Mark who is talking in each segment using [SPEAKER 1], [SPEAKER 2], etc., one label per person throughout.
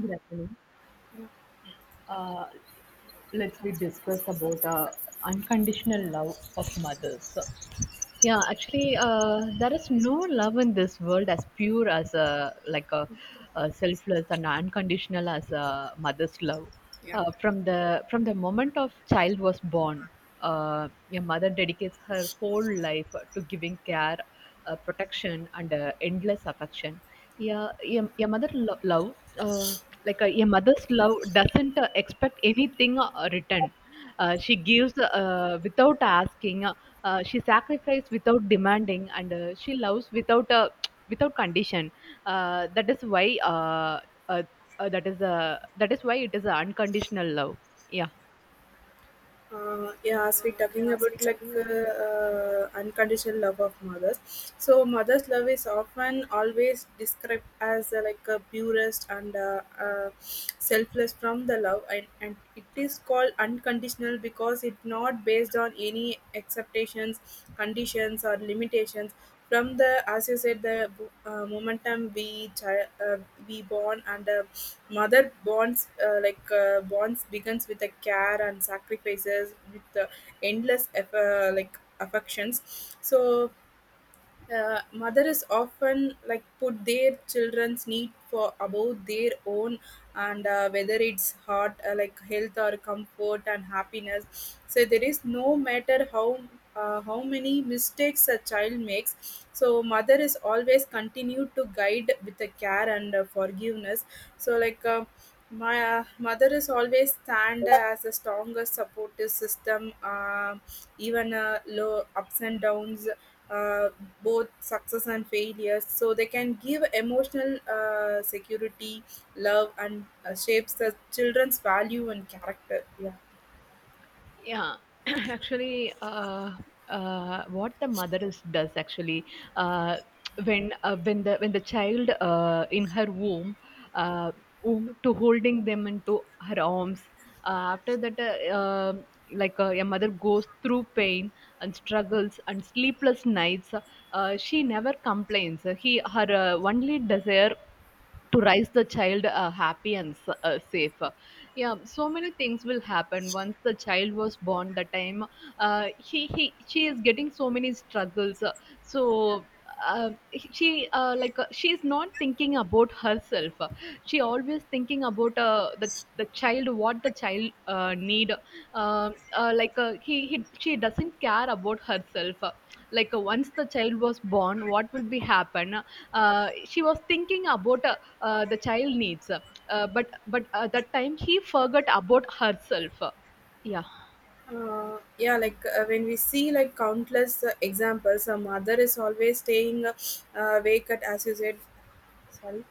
[SPEAKER 1] Good afternoon. Uh, let's we discuss about unconditional love of mothers. Yeah, actually, there is no love in this world as pure as a selfless and unconditional as a mother's love.
[SPEAKER 2] Yeah.
[SPEAKER 1] From the moment of child was born, your mother dedicates her whole life to giving care, protection, and endless affection. Yeah, your mother lo- love, like your mother's love, doesn't expect anything return. She gives without asking. She sacrifices without demanding, and she loves without without condition. That is why uh, that is That is why it is unconditional love. Yeah.
[SPEAKER 2] Yeah, as we talking about like unconditional love of mothers, so mother's love is often always described as like a purest and selfless from the love, and it is called unconditional because it's not based on any acceptations, conditions, or limitations. From the, as you said, the momentum we we born and mother bonds bonds begins with the care and sacrifices with the endless affections. So mother is often like put their children's need for above their own, and whether it's heart like health or comfort and happiness. So there is no matter how, how many mistakes a child makes, so mother is always continue to guide with the care and forgiveness. So my mother is always stand as a strongest supportive system, even low ups and downs, uh, both success and failures, so they can give emotional security, love and shapes the children's value and character, yeah.
[SPEAKER 1] Yeah, actually, what the mother is does actually, uh, when the child in her uh, womb to holding them into her arms. Uh, after that uh, um like uh, a mother goes through pain and struggles and sleepless nights. She never complains. He her only desire to raise the child happy and safe. Yeah, so many things will happen once the child was born. The time uh, he, he she is getting so many struggles. So uh, she is not thinking about herself. She always thinking about the child, what the child need. Uh, like he she doesn't care about herself, once the child was born. What will be happen? She was thinking about the child needs, but that time he forgot about herself. Yeah.
[SPEAKER 2] Uh, yeah like uh, when we see like countless examples, a mother is always staying awake at, as you said, sorry,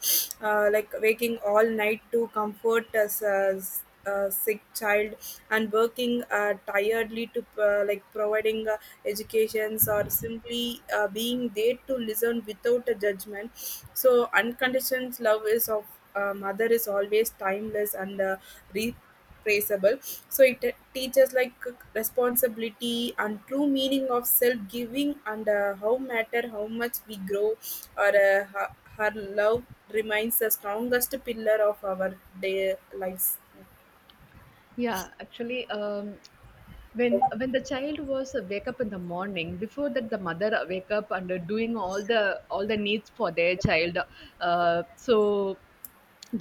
[SPEAKER 2] like waking all night to comfort a sick child, and working tiredly to providing educations, or simply being there to listen without a judgment. So unconditional love is of mother is always timeless and traceable. So it teaches like responsibility and true meaning of self giving, and how matter how much we grow, or her love remains the strongest pillar of our day lives.
[SPEAKER 1] Yeah, actually, when the child was wake up in the morning, before that the mother wake up and doing all the needs for their child. So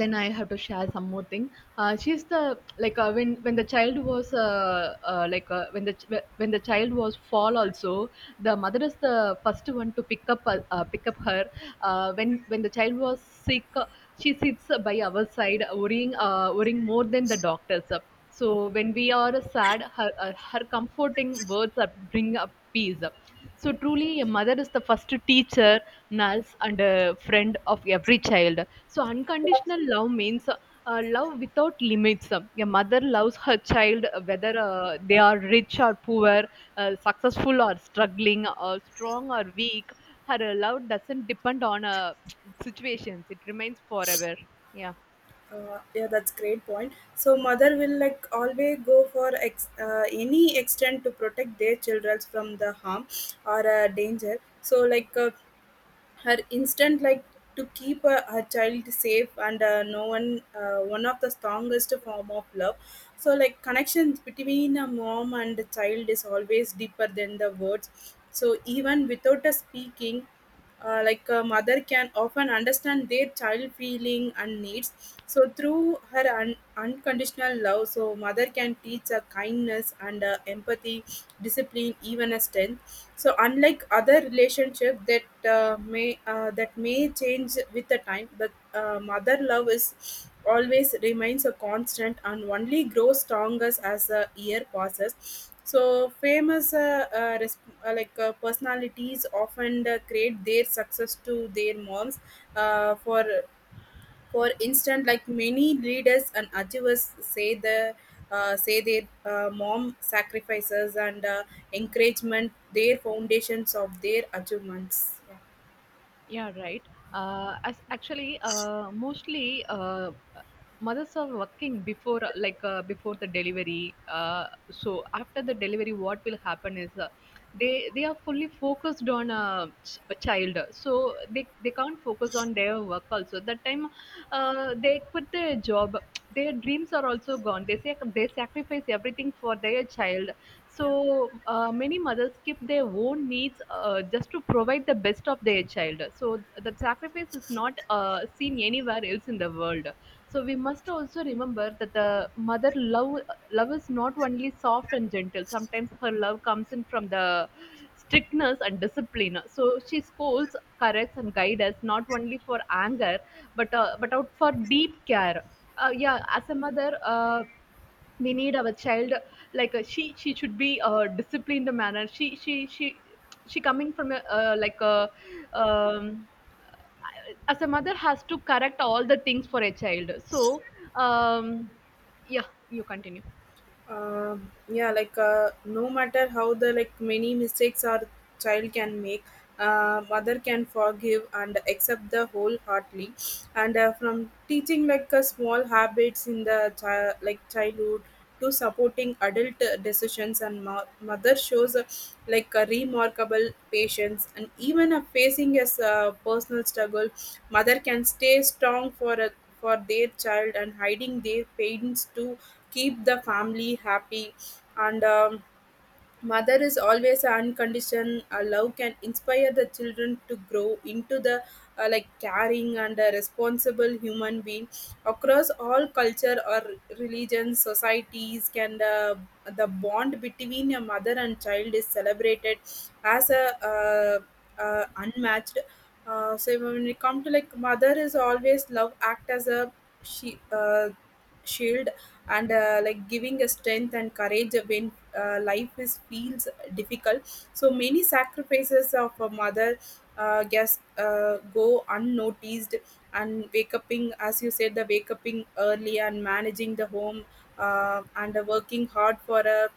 [SPEAKER 1] then I have to share some more thing. She's the, when the child was when the child was fall also, the mother is the first one to pick up her. When the child was sick, she sits by our side, worrying more than the doctors. So when we are sad, her comforting words are bring up peace. So truly a mother is the first teacher, nurse, and a friend of every child. So unconditional love means love without limits. A mother loves her child, whether they are rich or poor, successful or struggling, or strong or weak. Her love doesn't depend on situations. It remains forever. Yeah.
[SPEAKER 2] Yeah, that's great point. So mother will like always go for any extent to protect their children from the harm or danger. So her instinct like to keep her child safe, and no one one of the strongest form of love. So like connections between a mom and a child is always deeper than the words, so even without a speaking, a mother can often understand their child feeling and needs. So through her unconditional love, so mother can teach a kindness and a empathy, discipline, even a strength. So unlike other relationship that may that may change with the time, but mother love is always remains a constant, and only grows stronger as the year passes. So famous personalities often create their success to their moms. Uh, for for instance, like many leaders and achievers say the, say their mom sacrifices and encouragement their foundations of their achievements.
[SPEAKER 1] Yeah, right. Mostly, mothers are working before, before the delivery. So after the delivery, what will happen is, they are fully focused on a child. So they can't focus on their work also. That time, they quit their job. Their dreams are also gone. They say they sacrifice everything for their child. So many mothers skip their own needs, just to provide the best of their child. So the sacrifice is not seen anywhere else in the world. So we must also remember that the mother love is not only soft and gentle. Sometimes her love comes in from the strictness and discipline. So she scolds, corrects, and guides us not only for anger, but out for deep care. Yeah, as a mother, we need our child, she should be disciplined manner. She coming from a, um, as a mother has to correct all the things for a child. Um, yeah, you continue.
[SPEAKER 2] uh, yeah, no matter how the like many mistakes our child can make, mother can forgive and accept the wholeheartedly. And from teaching like small habits in the child like childhood to supporting adult decisions, and mother shows like a remarkable patience, and even facing as a personal struggle, mother can stay strong for a, for their child, and hiding their pains too, keep the family happy. And mother is always unconditioned love can inspire the children to grow into the caring and a responsible human being across all culture or religions, societies. Can the bond between a mother and child is celebrated as a unmatched. So when we come to like, mother is always love act as a, she shield, and giving a strength and courage when life is feels difficult. So many sacrifices of a mother guess go unnoticed, and wake uping, as you said, the wake uping early and managing the home, and working hard for a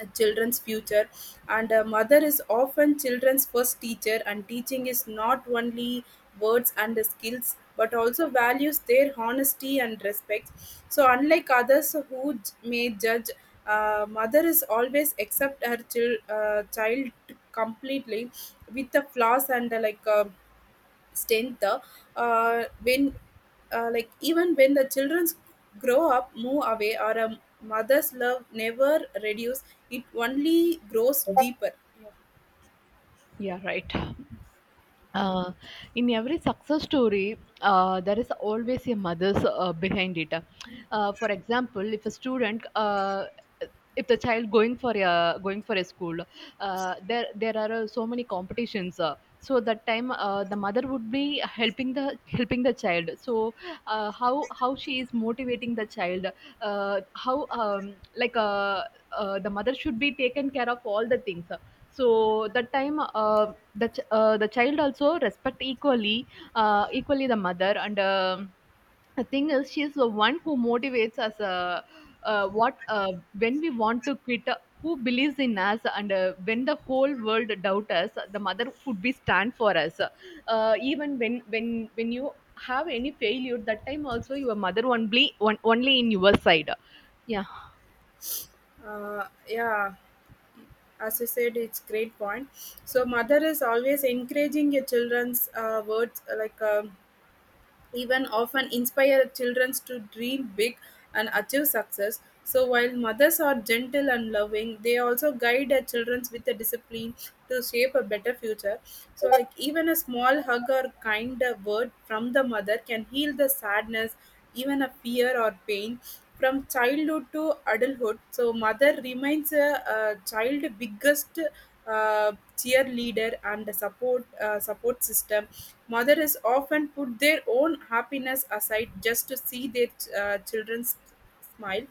[SPEAKER 2] a children's future. And a mother is often children's first teacher, and teaching is not only words and skills, but also values their honesty and respect. So unlike others who may judge, mother is always accept her child completely, with the flaws and extent the, when like even when the children grow up, move away or a, mother's love never reduce, it only grows deeper.
[SPEAKER 1] Yeah, right. Uh, in every success story, there is always a mother's behind it. For example, if a student, if the child going for a school, there are so many competitions. So that time, the mother would be helping the child. So how she is motivating the child? How like The mother should be taken care of all the things. So that time, the child also respect equally, the mother. And um the thing is she is the one who motivates us, what when we want to quit, who believes in us, and when the whole world doubt us, the mother would be stand for us, even when you have any failure, that time also your mother only only in your side. Yeah.
[SPEAKER 2] Yeah, as you said, it's great point. So mother is always encouraging your children's words like, even often inspire children to dream big and achieve success. So while mothers are gentle and loving, they also guide their children with a discipline to shape a better future. So like, even a small hug or kind word from the mother can heal the sadness, even a fear or pain. From childhood to adulthood, so mother remains a child biggest cheerleader and a support, support system. Mothers often put their own happiness aside just to see their children smile.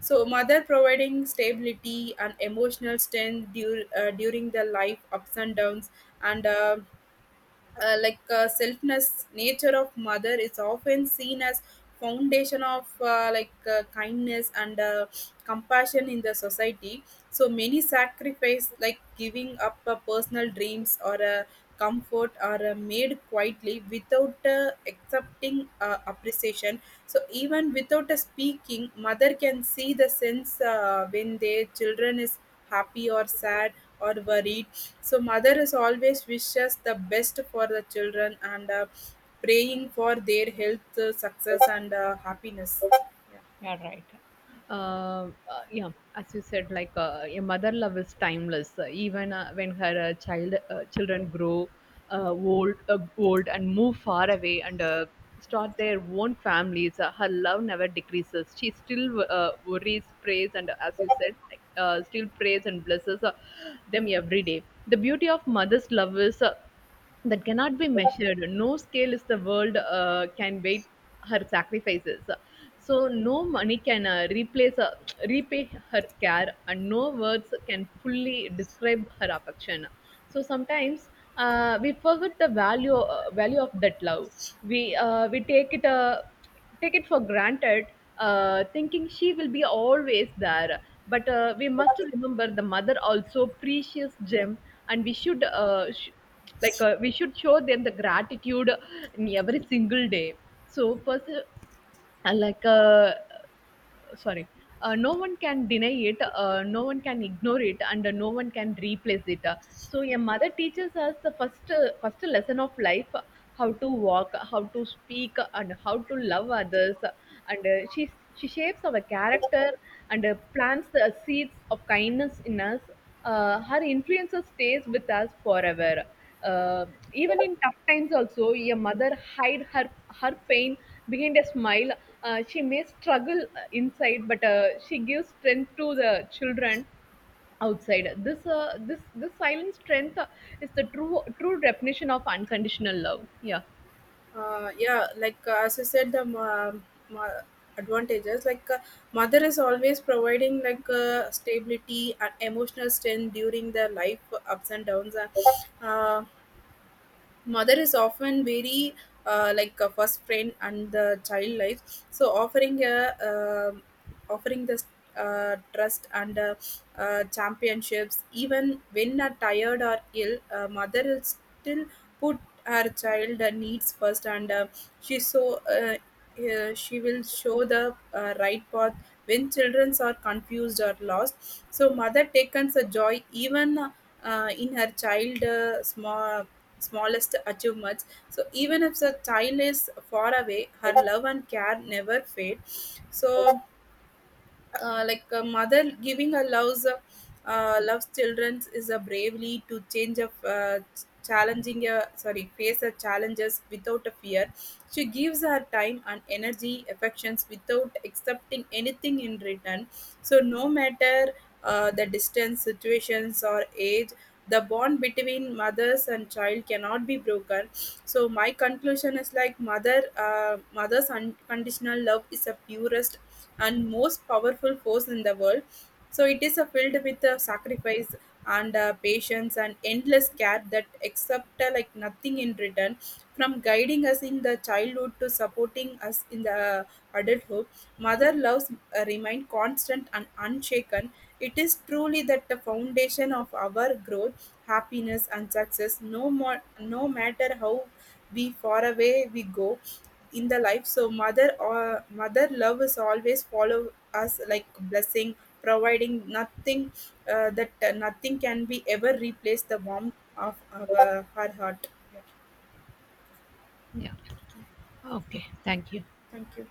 [SPEAKER 2] So mother providing stability and emotional strength during the life ups and downs, and selfness nature of mother is often seen as foundation of kindness and compassion in the society. So many sacrifice like giving up personal dreams or comfort are made quietly without accepting appreciation. So even without a speaking, mother can see the sense when their children is happy or sad or worried. So mother is always wishes the best for the children, and praying for their health, success, and happiness.
[SPEAKER 1] Yeah, right. uh, uh, yeah, as you said, a mother love is timeless. Even when her children grow old and move far away, and start their own families. Her love never decreases. She still worries, prays, and as you said, still prays and blesses them every day. The beauty of mother's love is, that cannot be measured. No scale is the world can wait her sacrifices. So no money can replace repay her care, and no words can fully describe her affection. So sometimes, we forget the value of that love. We take it, take it for granted, thinking she will be always there. But we must remember the mother also precious gem, and we should we should show them the gratitude in every single day. So, pers- like. Sorry No one can deny it, no one can ignore it, and no one can replace it. So a mother teaches us the first lesson of life, how to walk, how to speak, and how to love others. And she shapes our character, and plants the seeds of kindness in us. Her influence stays with us forever. uh, Even in tough times also, a mother hide her her pain behind a smile. She may struggle inside, but she gives strength to the children outside. This silent strength is the true definition of unconditional love. Yeah.
[SPEAKER 2] Yeah, as I said, the ma- advantages like mother is always providing like stability and emotional strength during the life ups and downs. Uh, Mother is often very like a first friend and the child life, so offering a, offering this trust and championships. Even when are tired or ill, mother will still put her child needs first, and she so uh, she will show the right path when children are confused or lost. So mother takes a joy even in her child small smallest achievements. So even if the child is far away, her love and care never fade. So a mother giving her loves loves children is a bravely to change of challenging a, sorry, face her challenges without a fear. She gives her time and energy affections without accepting anything in return. So no matter the distance, situations or age, the bond between mothers and child cannot be broken. So my conclusion is, like, mother's unconditional love is the purest and most powerful force in the world. So it is filled with sacrifice and patience and endless care that accept nothing in return. From guiding us in the childhood to supporting us in the adulthood, mother loves remain constant and unshaken. It is truly that the foundation of our growth, happiness and success. No more, no matter how we far away we go in the life. So mother, or mother love is always follow us like blessing, providing nothing, that nothing can be ever replace the warmth of our, her heart, yeah.
[SPEAKER 1] Yeah. Okay. Thank you.
[SPEAKER 2] Thank you.